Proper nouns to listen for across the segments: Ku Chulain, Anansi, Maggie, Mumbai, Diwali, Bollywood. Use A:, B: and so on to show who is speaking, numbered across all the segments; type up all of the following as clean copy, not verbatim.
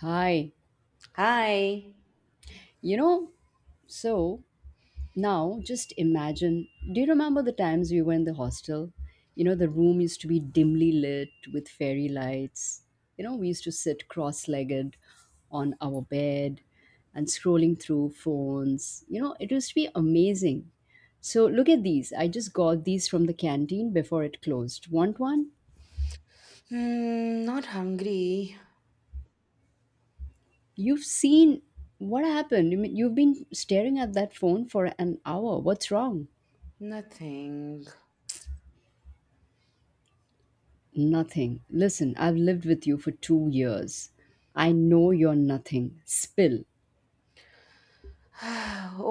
A: Hi.
B: Hi.
A: You know, so Now just imagine, do you remember the times we were in the hostel? You know, the room used to be dimly lit with fairy lights. You know, we used to sit cross legged on our bed and scrolling through phones. You know, it used to be amazing. So look at these. I just got these from the canteen before it closed. Want one?
B: Hmm, not hungry.
A: You've seen what happened. You mean, you've been staring at that phone for an hour. What's wrong?
B: Nothing.
A: Nothing. Listen, I've lived with you for 2 years. I know you're nothing. Spill.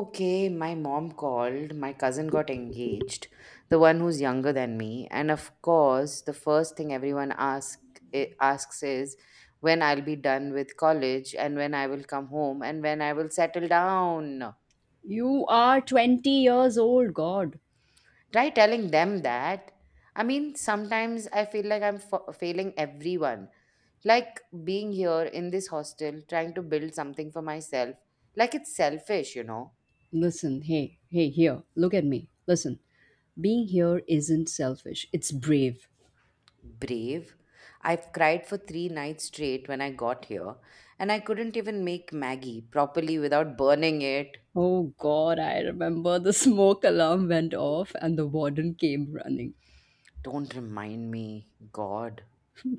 B: Okay, my mom called. My cousin got engaged, the one who's younger than me. And of course, the first thing everyone ask, asks is when I'll be done with college and when I will come home and when I will settle down.
A: You are 20 years old, God.
B: Try telling them that. I mean, sometimes I feel like I'm failing everyone. Like being here in this hostel, trying to build something for myself, like it's selfish, you know.
A: Listen, hey, hey, here, look at me. Listen, being here isn't selfish, it's brave.
B: Brave. I've cried for 3 nights straight when I got here, and I couldn't even make Maggie properly without burning it.
A: Oh, God, I remember the smoke alarm went off and the warden came running.
B: Don't remind me, God.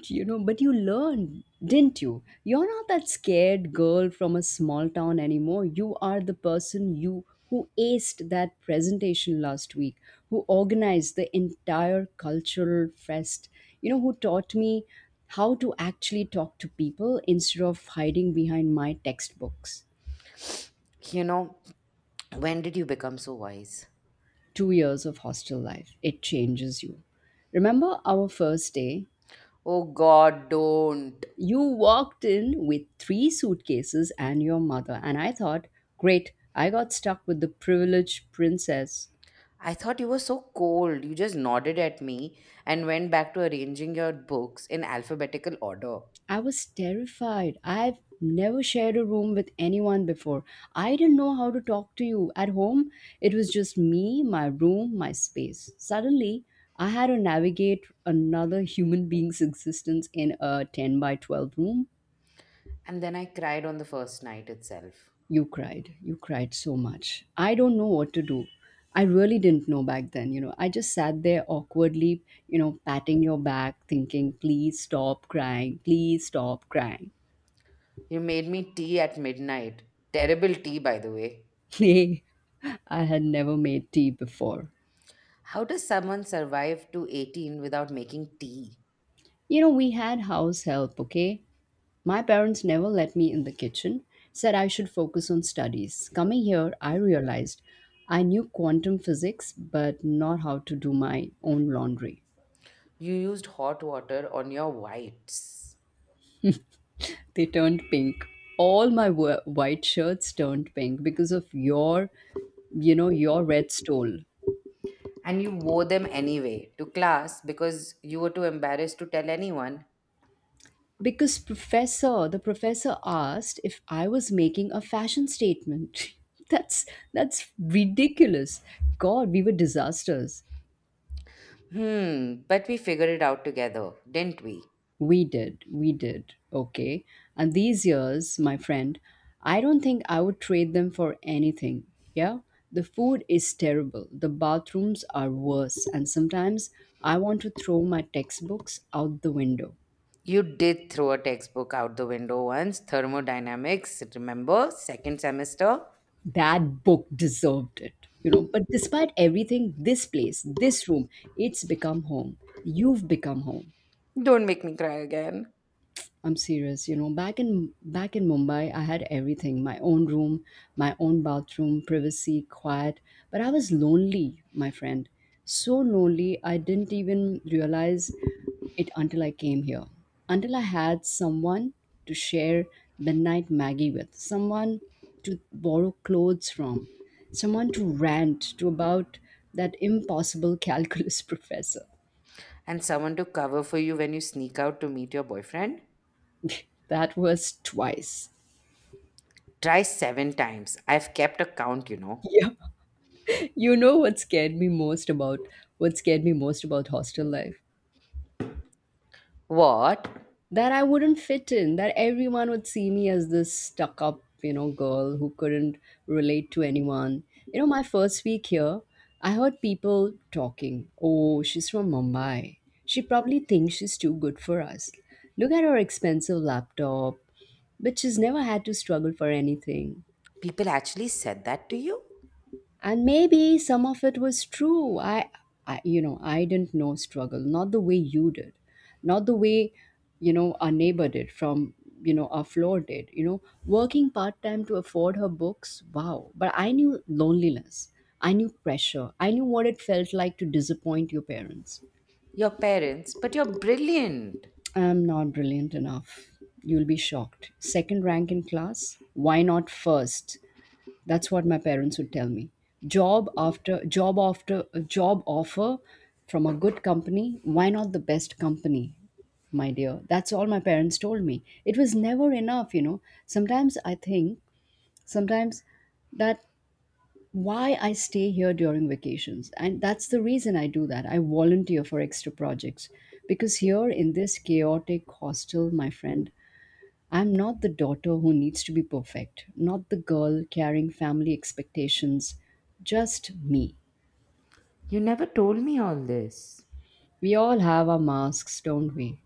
A: You know, but you learned, didn't you? You're not that scared girl from a small town anymore. You are the person, you who aced that presentation last week, who organized the entire cultural fest, you know, who taught me how to actually talk to people instead of hiding behind my textbooks.
B: You know, when did you become so wise?
A: 2 years of hostel life, it changes you. Remember our first day?
B: Oh, God, don't.
A: You walked in with three suitcases and your mother, and I thought, great, I got stuck with the privileged princess.
B: I thought you were so cold. You just nodded at me and went back to arranging your books in alphabetical order.
A: I was terrified. I've never shared a room with anyone before. I didn't know how to talk to you. At home, it was just me, my room, my space. Suddenly, I had to navigate another human being's existence in a 10 by 12 room.
B: And then I cried on the first night itself.
A: You cried. You cried so much. I don't know what to do. I really didn't know back then, you know. I just sat there awkwardly, patting your back, thinking, please stop crying, please stop crying.
B: You made me tea at midnight. Terrible tea, by the way.
A: Nay, I had never made tea before.
B: How does someone survive to 18 without making tea?
A: You know, we had house help, okay? My parents never let me in the kitchen, said I should focus on studies. Coming here, I realized I knew quantum physics, but not how to do my own laundry.
B: You used hot water on your whites.
A: They turned pink. All my white shirts turned pink because of your, your red stole.
B: And you wore them anyway to class because you were too embarrassed to tell anyone.
A: Because the professor asked if I was making a fashion statement. that's that's ridiculous. God, we were disasters.
B: Hmm, but we figured it out together, didn't we?
A: We did. Okay. And these years, my friend, I don't think I would trade them for anything. Yeah. The food is terrible. The bathrooms are worse. And sometimes I want to throw my textbooks out the window.
B: You did throw a textbook out the window once, thermodynamics, remember? Second semester.
A: That book deserved it, you know. But despite everything, this place, this room, it's become home. You've become home.
B: Don't make me cry again.
A: I'm serious. Back in Mumbai, I had everything: my own room, my own bathroom, privacy, quiet. But I was lonely, my friend. So lonely, I didn't even realize it until I came here. Until I had someone to share midnight Maggie with, someone to borrow clothes from, someone to rant to about that impossible calculus professor.
B: And someone to cover for you when you sneak out to meet your boyfriend?
A: That was twice.
B: Try 7 times. I've kept a count, you know.
A: Yeah. You know what scared me most about what scared me most about hostel life?
B: What?
A: That I wouldn't fit in, that everyone would see me as this stuck up, you know, girl who couldn't relate to anyone. You know, my first week here, I heard people talking, "Oh, she's from Mumbai. She probably thinks she's too good for us. Look at her expensive laptop, but she's never had to struggle for anything."
B: People actually said that to you?
A: And maybe some of it was true. I you know, I didn't know struggle, not the way you did, not the way, you know, our neighbor did from, you know, our floor did, you know, working part-time to afford her books. Wow. But I knew loneliness, I knew pressure, I knew what it felt like to disappoint your parents.
B: Your parents, but you're brilliant.
A: I'm not brilliant enough. You'll be shocked. Second rank in class, why not first? That's what my parents would tell me. Job after job after job offer from a good company, why not the best company? My dear, that's all my parents told me. It was never enough, you know. Sometimes I think, sometimes that why I stay here during vacations. And that's the reason I do that. I volunteer for extra projects because here in this chaotic hostel, my friend, I'm not the daughter who needs to be perfect, not the girl carrying family expectations, just me.
B: You never told me all this.
A: We all have our masks, don't we?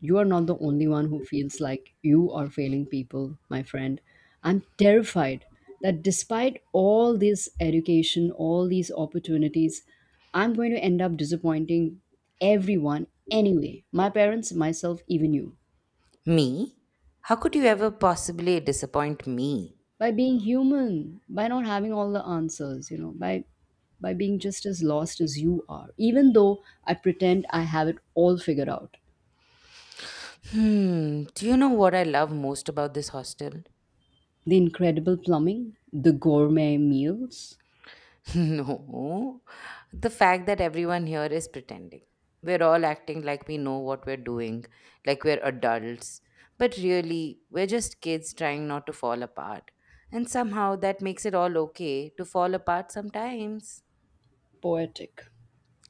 A: You are not the only one who feels like you are failing people, my friend. I'm terrified that despite all this education, all these opportunities, I'm going to end up disappointing everyone anyway. My parents, myself, even you.
B: Me? How could you ever possibly disappoint me?
A: By being human, by not having all the answers, you know by being just as lost as you are, even though I pretend I have it all figured out.
B: Hmm, do you know what I love most about this hostel?
A: The incredible plumbing, the gourmet meals.
B: No, the fact that everyone here is pretending. We're all acting like we know what we're doing, like we're adults. But really, we're just kids trying not to fall apart. And somehow that makes it all okay to fall apart sometimes.
A: Poetic.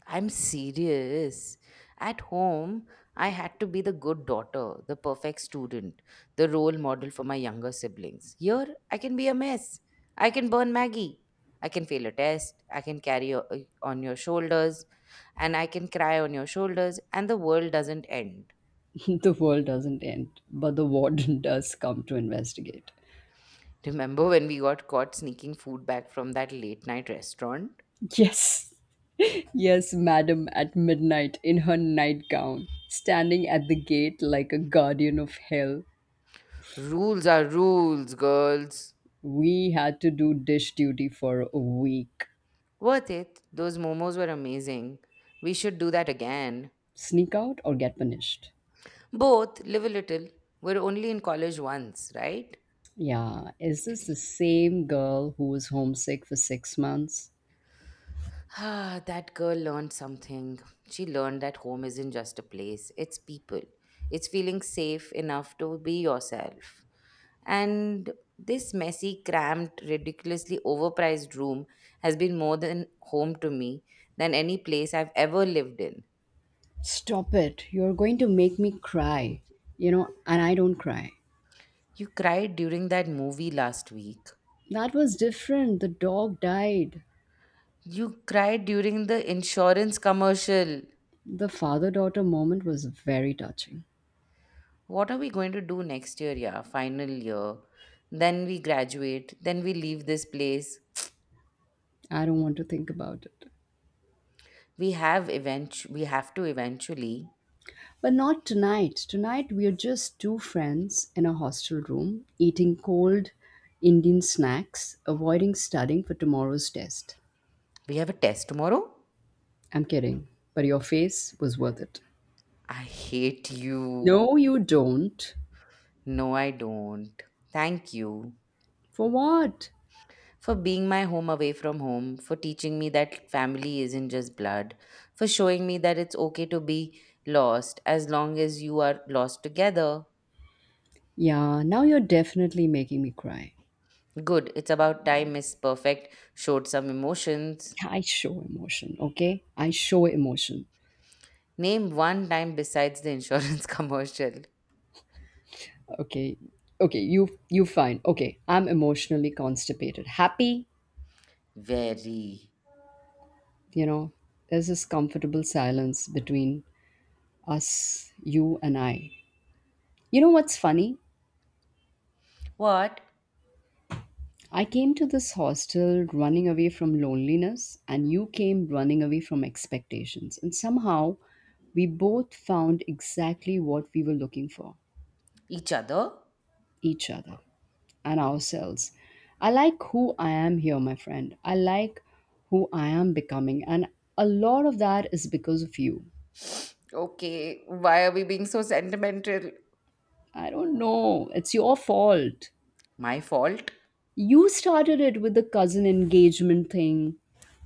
B: I'm serious. At home, I had to be the good daughter, the perfect student, the role model for my younger siblings. Here, I can be a mess. I can burn Maggie. I can fail a test. I can carry on your shoulders. And I can cry on your shoulders. And the world doesn't end.
A: The world doesn't end, but the warden does come to investigate.
B: Remember when we got caught sneaking food back from that late night restaurant?
A: Yes, yes, madam, at midnight in her nightgown, standing at the gate like a guardian of hell.
B: Rules are rules, girls.
A: We had to do dish duty for a week.
B: Worth it. Those momos were amazing. We should do that again.
A: Sneak out or get punished.
B: Both, live a little. We're only in college once, right?
A: Yeah, is this the same girl who was homesick for 6 months?
B: Ah, that girl learned something. She learned that home isn't just a place, it's people. It's feeling safe enough to be yourself. And this messy, cramped, ridiculously overpriced room has been more than home to me than any place I've ever lived in.
A: Stop it. You're going to make me cry. You know, and I don't cry.
B: You cried during that movie last week.
A: That was different. The dog died.
B: You cried during the insurance commercial.
A: The father daughter moment was very touching.
B: What are we going to do next year? Yeah, final year, then we graduate, then we leave this place.
A: I don't want to think about it.
B: We have to eventually.
A: But not tonight. Tonight, we are just two friends in a hostel room eating cold Indian snacks, avoiding studying for tomorrow's test.
B: We have a test tomorrow.
A: I'm kidding, but your face was worth it.
B: I hate you.
A: No, you don't.
B: No, I don't. Thank you
A: For what?
B: for being my home away from home, for teaching me that family isn't just blood, for showing me that it's okay to be lost as long as you are lost together.
A: Yeah, now you're definitely making me cry.
B: Good, it's about time Miss Perfect showed some emotions.
A: I show emotion, okay? I show emotion.
B: Name one time besides the insurance commercial.
A: Okay. Okay, you fine. Okay, I'm emotionally constipated. Happy,
B: Very.
A: you know. There's this comfortable silence between us, you and I. You know what's funny?
B: What?
A: I came to this hostel running away from loneliness, and you came running away from expectations. And somehow, we both found exactly what we were looking for,
B: Each other?
A: each other and ourselves. I like who I am here, my friend. I like who I am becoming. And a lot of that is because of you.
B: Okay, why are we being so sentimental?
A: I don't know. It's your fault.
B: My fault?
A: You started it with the cousin engagement thing.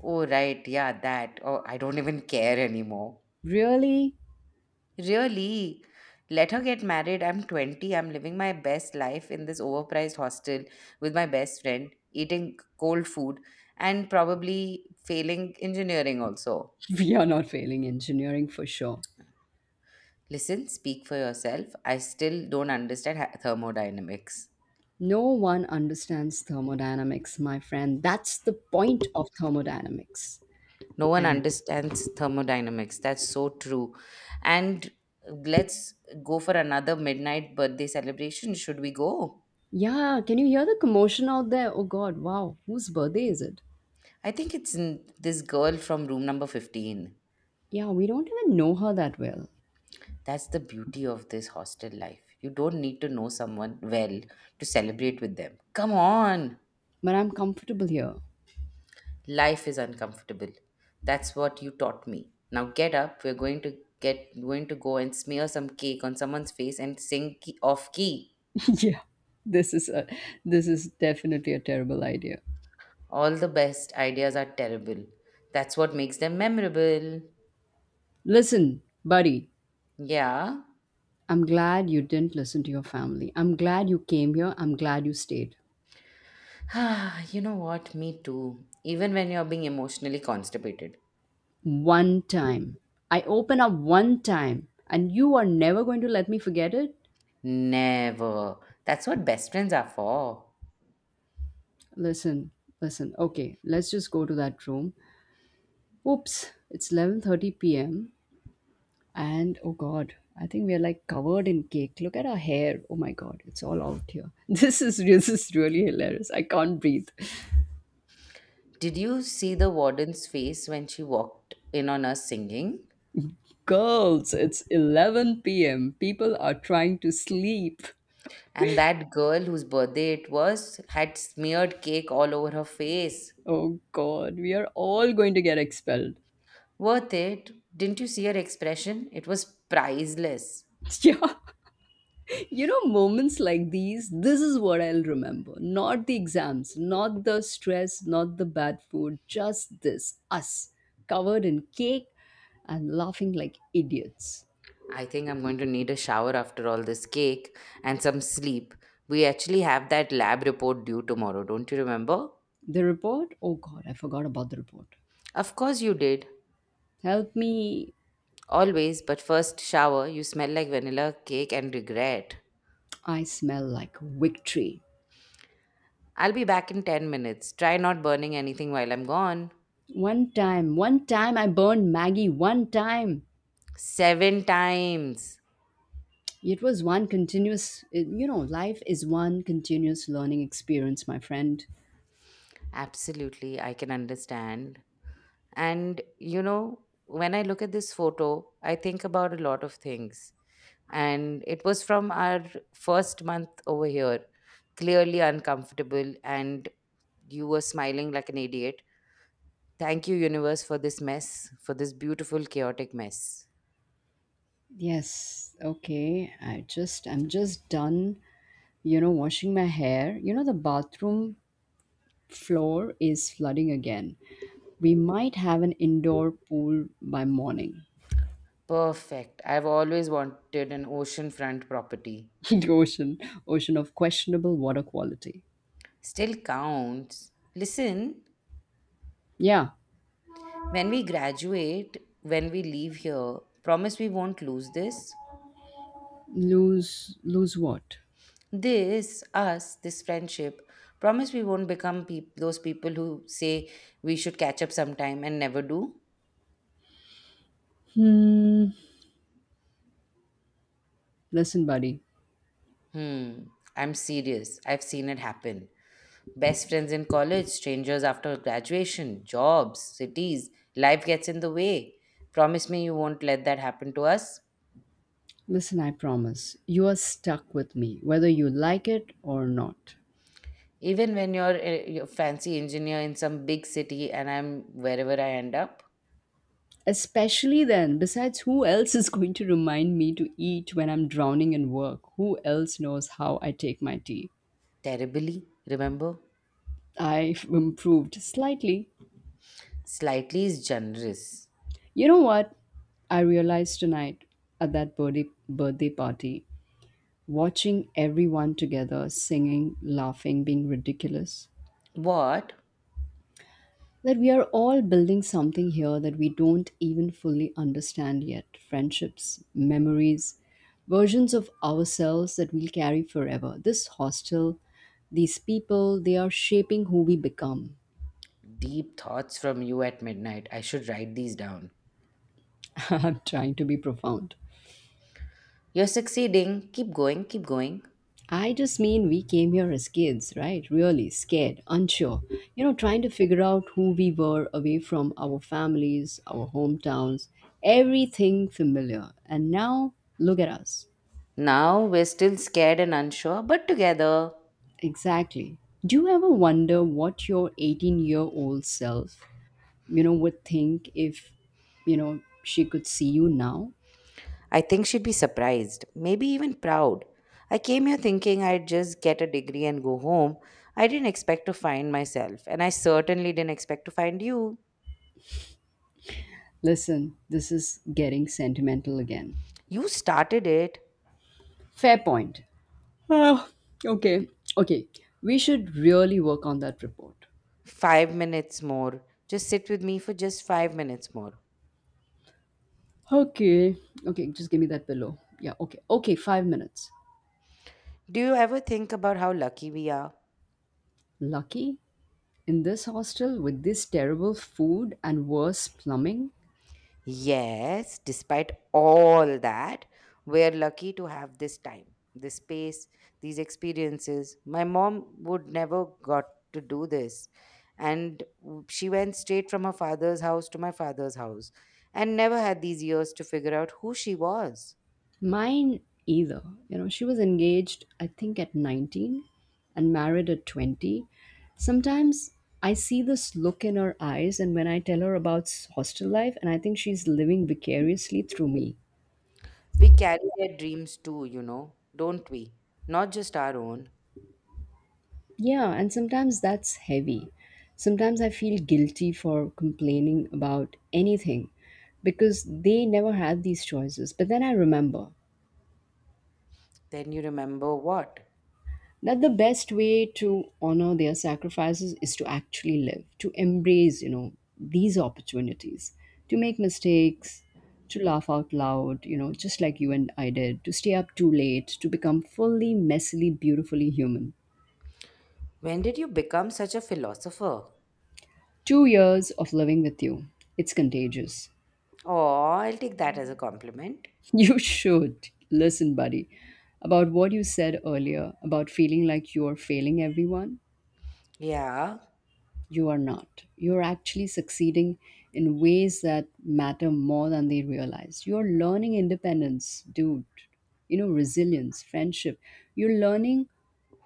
B: Oh, right, yeah, that. Oh, I don't even care anymore.
A: Really?
B: Really? Let her get married. I'm 20. I'm living my best life in this overpriced hostel with my best friend, eating cold food, and probably failing engineering also.
A: We are not failing engineering for sure.
B: Listen, speak for yourself. I still don't understand thermodynamics.
A: No one understands thermodynamics, my friend. That's the point of thermodynamics.
B: No one
A: And
B: understands thermodynamics. That's so true. And let's go for another midnight birthday celebration. Should we go?
A: yeah, can you hear the commotion out there? Oh God, wow, whose birthday is it?
B: I think it's this girl from room number 15.
A: Yeah, we don't even know her that well,
B: That's the beauty of this hostel life. You don't need to know someone well to celebrate with them. Come on.
A: but I'm comfortable here.
B: Life is uncomfortable. That's what you taught me. Now get up. We're going to go and smear some cake on someone's face and sing key, off key.
A: Yeah, this is a this is definitely a terrible idea.
B: All the best ideas are terrible. That's what makes them memorable.
A: Listen, buddy,
B: Yeah.
A: I'm glad you didn't listen to your family. I'm glad you came here. I'm glad you stayed.
B: Ah, you know what? Me too. Even when you're being emotionally constipated.
A: One time. I open up one time, and you are never going to let me forget it?
B: Never. That's what best friends are for.
A: Listen, listen. Okay, let's just go to that room. Oops, it's 11:30 p.m. and oh god, I think we are like covered in cake. Look at our hair. Oh my god, it's all out here. This is really hilarious. I can't breathe.
B: Did you see the warden's face when she walked in on us singing?
A: Girls, it's 11 p.m. People are trying to sleep.
B: And that girl whose birthday it was had smeared cake all over her face.
A: Oh god, we are all going to get expelled.
B: Worth it. Didn't you see her expression? It was priceless.
A: Yeah. You know, moments like these, this is what I'll remember. Not the exams, not the stress, not the bad food, just this, us covered in cake and laughing like idiots.
B: I think I'm going to need a shower after all this cake and some sleep. We actually have that lab report due tomorrow, don't you remember?
A: The report? Oh god, I forgot about the report.
B: Of course you did.
A: Help me.
B: Always, but first shower, you smell like vanilla cake and regret.
A: I smell like victory.
B: I'll be back in 10 minutes. Try not burning anything while I'm gone.
A: One time I burned Maggie, one time.
B: 7 times.
A: It was one continuous, you know, life is one continuous learning experience, my friend.
B: Absolutely, I can understand. And you know, when I look at this photo, I think about a lot of things. And it was from our first month over here, clearly uncomfortable, and you were smiling like an idiot. Thank you, universe, for this mess, for this beautiful, chaotic mess.
A: Yes, okay. I'm just done, you know, washing my hair. You know the bathroom floor is flooding again. We might have an indoor pool by morning.
B: Perfect. I've always wanted an oceanfront property.
A: the ocean, Ocean of questionable water quality.
B: Still counts. Listen,
A: Yeah.
B: when we graduate, when we leave here, promise we won't lose this.
A: Lose what?
B: This, us, this friendship, promise we won't become peop those people who say we should catch up sometime and never do.
A: Hmm. Listen, buddy.
B: Hmm, I'm serious. I've seen it happen. Best friends in college, strangers after graduation, jobs, cities, life gets in the way. Promise me you won't let that happen to us.
A: Listen, I promise. You are stuck with me whether you like it or not.
B: Even when you're a fancy engineer in some big city and I'm wherever I end up.
A: Especially then, besides, who else is going to remind me to eat when I'm drowning in work? Who else knows how I take my tea?
B: Terribly, remember?
A: I've improved slightly.
B: Slightly is generous.
A: You know what? I realized tonight at that birthday party, watching everyone together, singing, laughing, being ridiculous.
B: What?
A: That we are all building something here that we don't even fully understand yet, friendships, memories, versions of ourselves that we'll carry forever. This hostel, these people, they are shaping who we become.
B: Deep thoughts from you at midnight. I should write these down.
A: I'm trying to be profound.
B: You're succeeding. Keep going, keep going.
A: I just mean we came here as kids, right? Really scared, unsure, you know, trying to figure out who we were away from our families, our hometowns, everything familiar. And now look at us.
B: Now we're still scared and unsure, but together.
A: Exactly. Do you ever wonder what your 18-year-old self, you know, would think if, you know, she could see you now?
B: I think she'd be surprised, maybe even proud. I came here thinking I'd just get a degree and go home. I didn't expect to find myself, and I certainly didn't expect to find you.
A: Listen, this is getting sentimental again.
B: You started it.
A: Fair point. Oh, okay. Okay. We should really work on that report.
B: 5 minutes more. Just sit with me for just 5 minutes more.
A: Okay. Okay, just give me that pillow. Yeah, okay. Okay, 5 minutes.
B: Do you ever think about how lucky we are?
A: Lucky? In this hostel with this terrible food and worse plumbing?
B: Yes, despite all that, we're lucky to have this time, this space, these experiences. My mom would never got to do this. And she went straight from her father's house to my father's house and never had these years to figure out who she was.
A: Mine either. You know, she was engaged, I think, at 19 and married at 20. Sometimes I see this look in her eyes, and when I tell her about hostel life, and I think she's living vicariously through me.
B: We carry their dreams too, you know, don't we? Not just our own.
A: Yeah, and sometimes that's heavy. Sometimes I feel guilty for complaining about anything because they never had these choices. But then I remember
B: Then you remember what?
A: that the best way to honor their sacrifices is to actually live, to embrace these opportunities, to make mistakes, to laugh out loud, just like you and I did, to stay up too late, to become fully, messily, beautifully human.
B: When did you become such a philosopher?
A: 2 years of living with you. It's contagious.
B: Oh, I'll take that as a Mm. compliment.
A: You should listen, buddy, about what you said earlier about feeling like you are failing everyone.
B: Yeah,
A: You are not. You're actually succeeding in ways that matter more than they realize. You're learning independence, dude, you know, resilience, friendship. You're learning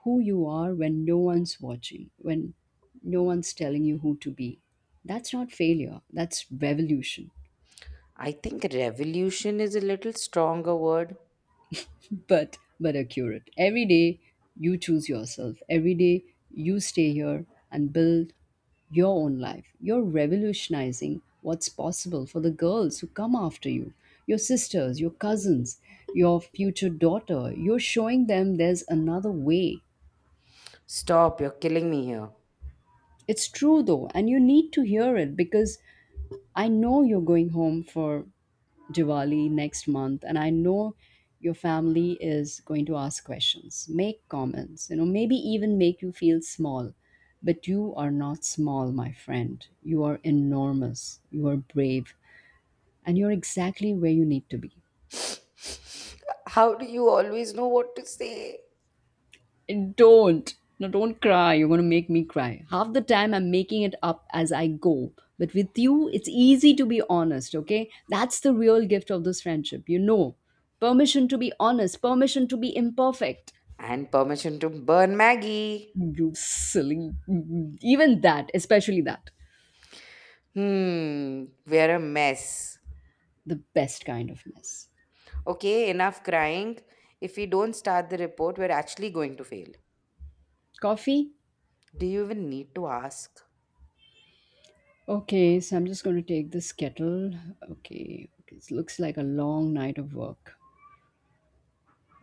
A: who you are when no one's watching, when no one's telling you who to be. That's not failure, that's revolution.
B: I think revolution is a little stronger word.
A: But accurate. Every day you choose yourself. Every day you stay here and build your own life. You're revolutionizing what's possible for the girls who come after you, your sisters, your cousins, your future daughter. You're showing them there's another way.
B: Stop, you're killing me here.
A: It's true though, and you need to hear it because I know you're going home for Diwali next month, and I know your family is going to ask questions, make comments, you know, maybe even make you feel small. But you are not small, my friend. You are enormous. You are brave, and you're exactly where you need to be.
B: How do you always know what to say?
A: And don't. No, don't cry. You're going to make me cry. Half the time, I'm making it up as I go. But with you, it's easy to be honest, okay? That's the real gift of this friendship. You know, permission to be honest, permission to be imperfect.
B: And permission to burn Maggie.
A: You silly. Even that, especially that.
B: Hmm, we're a mess.
A: The best kind of mess.
B: Okay, enough crying. If we don't start the report, we're actually going to fail.
A: Coffee?
B: Do you even need to ask?
A: Okay, so I'm just going to take this kettle. Okay, it looks like a long night of work.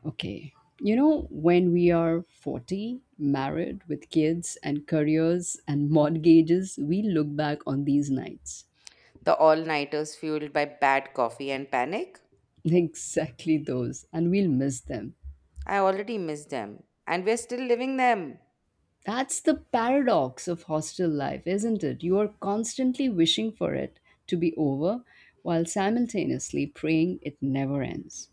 A: Okay. You know, when we are 40, married with kids and careers and mortgages, we look back on these nights.
B: The all nighters fueled by bad coffee and panic?
A: Exactly those, and we'll miss them.
B: I already miss them, and we're still living them.
A: That's the paradox of hostel life, isn't it? You are constantly wishing for it to be over while simultaneously praying it never ends.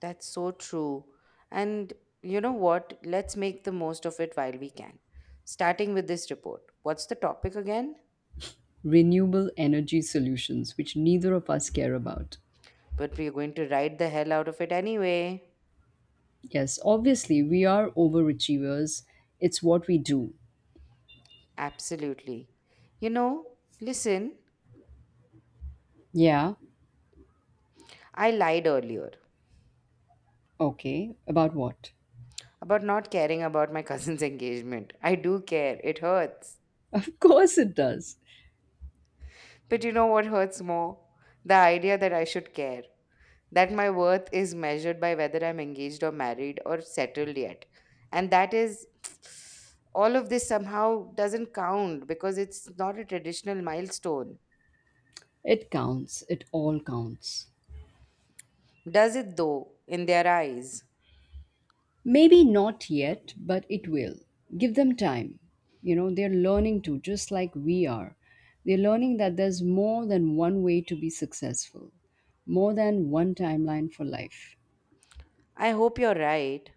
B: That's so true. And you know what? Let's make the most of it while we can. Starting with this report. What's the topic again?
A: Renewable energy solutions, which neither of us care about.
B: But we're going to ride the hell out of it anyway.
A: Yes, obviously, we are overachievers. It's what we do.
B: Absolutely. You know, listen,
A: Yeah,
B: I lied earlier
A: okay. About what?
B: about not caring about my cousin's engagement. I do care. It hurts.
A: Of course it does.
B: But you know what hurts more? The idea that I should care. That my worth is measured by whether I'm engaged or married or settled yet. And that is all of this somehow doesn't count because it's not a traditional milestone.
A: It counts. It all counts.
B: Does it though, in their eyes?
A: Maybe not yet, but it will. Give them time. You know, they're learning to, just like we are. They're learning that there's more than one way to be successful, more than one timeline for life.
B: I hope you're right.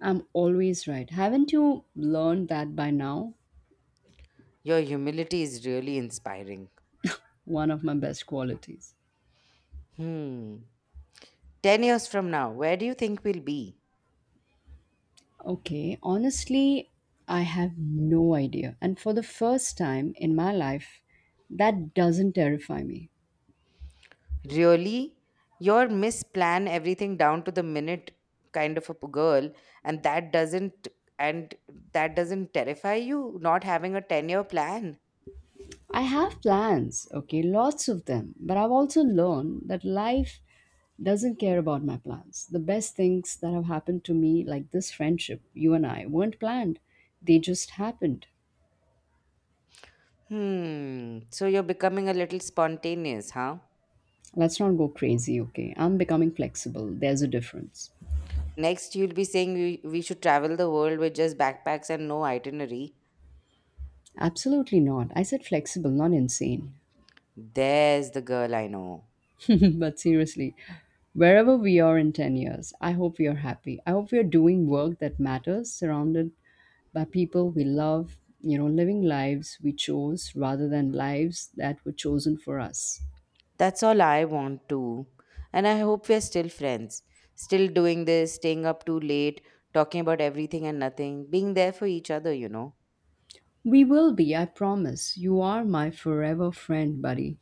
A: I'm always right. Haven't you learned that by now?
B: Your humility is really inspiring.
A: One of my best qualities.
B: Hmm. 10 years from now, where do you think we'll be?
A: Okay, honestly, I have no idea. And for the first time in my life, that doesn't terrify me.
B: Really? You're misplan everything down to the minute kind of a girl and that doesn't and that doesn't terrify you not having a 10-year plan.
A: I have plans, okay, lots of them. But I've also learned that life doesn't care about my plans. The best things that have happened to me, like this friendship, you and I, weren't planned, they just happened.
B: Hmm. So you're becoming a little spontaneous, huh?
A: Let's not go crazy, okay? I'm becoming flexible. There's a difference.
B: Next you'll be saying we should travel the world with just backpacks and no itinerary.
A: Absolutely not. I said flexible, not insane.
B: There's the girl I know.
A: But seriously, wherever we are in 10 years, I hope we are happy. I hope we are doing work that matters, surrounded by people we love, you know, living lives we chose rather than lives that were chosen for us.
B: That's all I want too. And I hope we're still friends. Still doing this, staying up too late, talking about everything and nothing, being there for each other, you know.
A: We will be, I promise. You are my forever friend, buddy.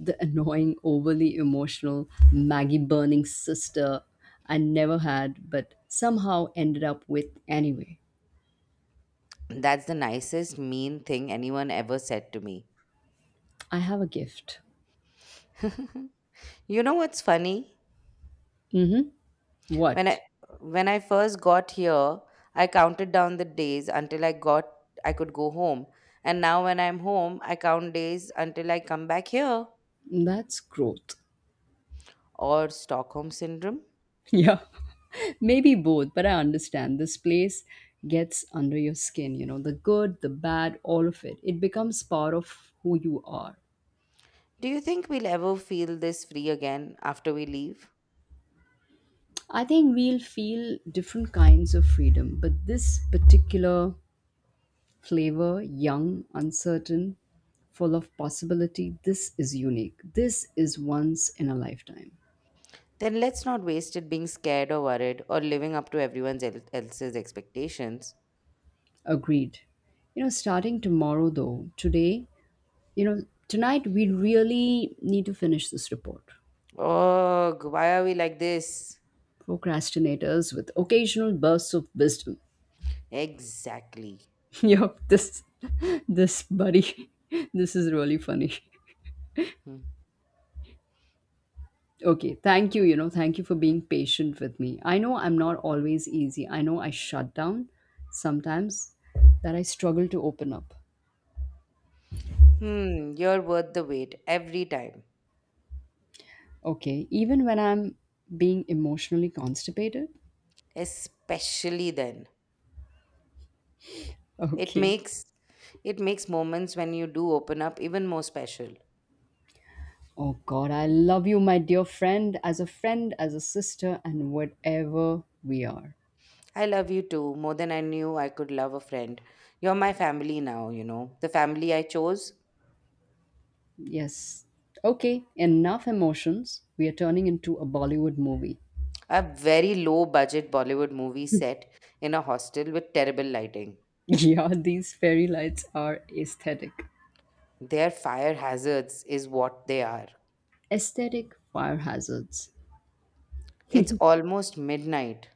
A: The annoying, overly emotional, Maggie burning sister I never had, but somehow ended up with anyway.
B: That's the nicest mean thing anyone ever said to me.
A: I have a gift.
B: You know what's funny?
A: Mm hmm.
B: When
A: What?
B: I when I first got here, I counted down the days until I could go home. And now when I'm home, I count days until I come back here
A: That's growth.
B: or Stockholm syndrome.
A: Yeah. Maybe both, but I understand this place gets under your skin, you know, the good, the bad, all of it. It becomes part of who you are.
B: Do you think we'll ever feel this free again after we leave?
A: I think we'll feel different kinds of freedom, but this particular flavor, young, uncertain, full of possibility, this is unique. This is once in a lifetime.
B: Then let's not waste it being scared or worried or living up to everyone else's expectations.
A: Agreed. You know, starting tomorrow though, today, you know, tonight we really need to finish this report.
B: Oh, why are we like this?
A: Procrastinators with occasional bursts of wisdom.
B: Exactly.
A: Yup, this buddy, this is really funny.
B: Hmm,
A: Okay, thank you, you know, thank you for being patient with me. I know I'm not always easy. I know I shut down sometimes, that I struggle to open up.
B: Hmm, you're worth the wait every time,
A: Okay, even when I'm being emotionally constipated.
B: especially then. It
A: Okay.
B: makes it makes moments when you do open up even more special.
A: Oh God, I love you, my dear friend, as a sister, and whatever we are.
B: I love you too, more than I knew I could love a friend. You're my family now, you know, the family I chose.
A: Yes. Okay, enough emotions. We are turning into a Bollywood movie.
B: A very low budget Bollywood movie set in a hostel with terrible lighting.
A: Yeah, these fairy lights are aesthetic.
B: Their fire hazards is what they are.
A: Aesthetic fire hazards.
B: It's almost midnight.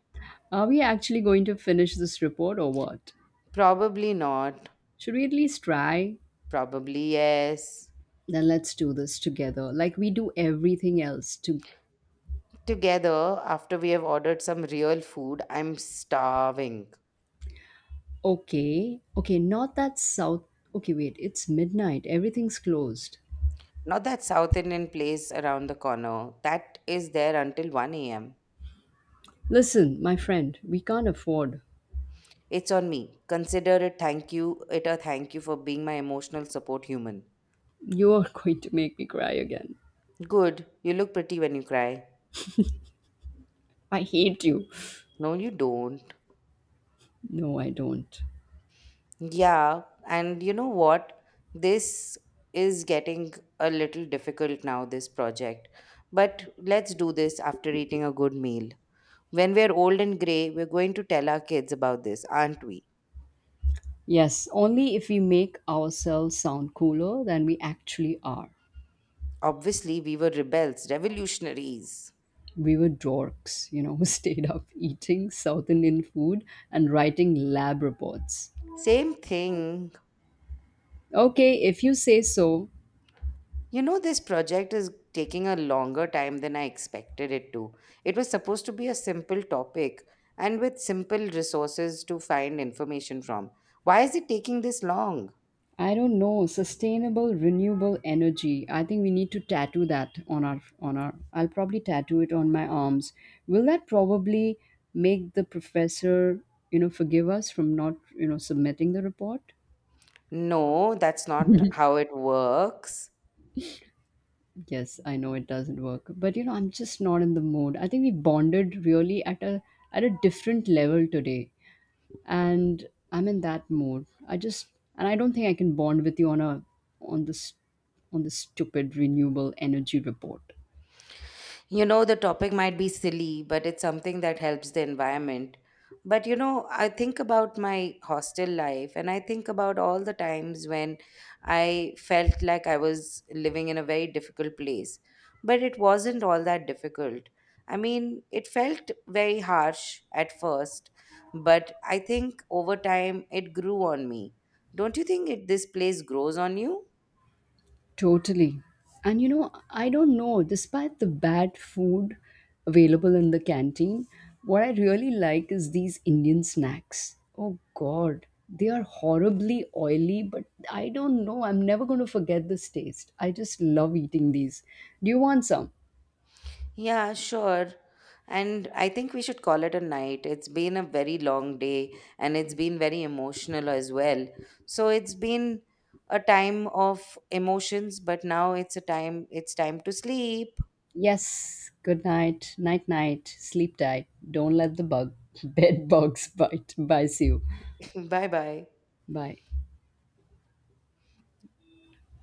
A: Are we actually going to finish this report or what?
B: Probably not.
A: Should we at least try?
B: Probably yes.
A: Then let's do this together, like we do everything else. To
B: Together, after we have ordered some real food, I'm starving.
A: okay, okay, not that south. Okay, wait, it's midnight. Everything's closed.
B: Not that South Indian place around the corner. That is there until 1 a.m.
A: Listen, my friend, we can't afford.
B: It's on me. Consider it thank you. It A thank you for being my emotional support human.
A: You are going to make me cry again.
B: Good. You look pretty when you cry.
A: I hate you.
B: No, you don't.
A: No, I don't.
B: Yeah, and you know what? This is getting a little difficult now, this project. But let's do this after eating a good meal. When we're old and gray, we're going to tell our kids about this, aren't we?
A: Yes, only if we make ourselves sound cooler than we actually are.
B: Obviously, we were rebels, revolutionaries.
A: We were dorks, you know, who stayed up eating South Indian food and writing lab reports.
B: Same thing.
A: Okay, if you say so,
B: You know, this project is taking a longer time than I expected it to. It was supposed to be a simple topic and with simple resources to find information from. Why is it taking this long?
A: I don't know, sustainable renewable energy. I think we need to tattoo that on our I'll probably tattoo it on my arms. Will that probably make the professor, you know, forgive us from not, you know, submitting the report?
B: No, that's not how it works.
A: Yes, I know it doesn't work, but you know, I'm just not in the mood. I think we bonded really at a different level today, and I'm in that mood. I just, and I don't think I can bond with you on a on this on this stupid renewable energy report.
B: You know, the topic might be silly, but it's something that helps the environment. But you know, I think about my hostel life and I think about all the times when I felt like I was living in a very difficult place. But it wasn't all that difficult. I mean, it felt very harsh at first, but I think over time it grew on me. Don't you think this place grows on you?
A: Totally. And you know, I don't know, despite the bad food available in the canteen, what I really like is these Indian snacks. Oh God, they are horribly oily, but I don't know. I'm never going to forget this taste. I just love eating these. Do you want some?
B: Yeah, sure. And I think we should call it a night. It's been a very long day and it's been very emotional as well. So it's been a time of emotions, but now it's a time, it's time to sleep.
A: Yes. Good night. Night, night. Sleep tight. Don't let the bed bugs bite, bites you.
B: Bye bye.
A: Bye.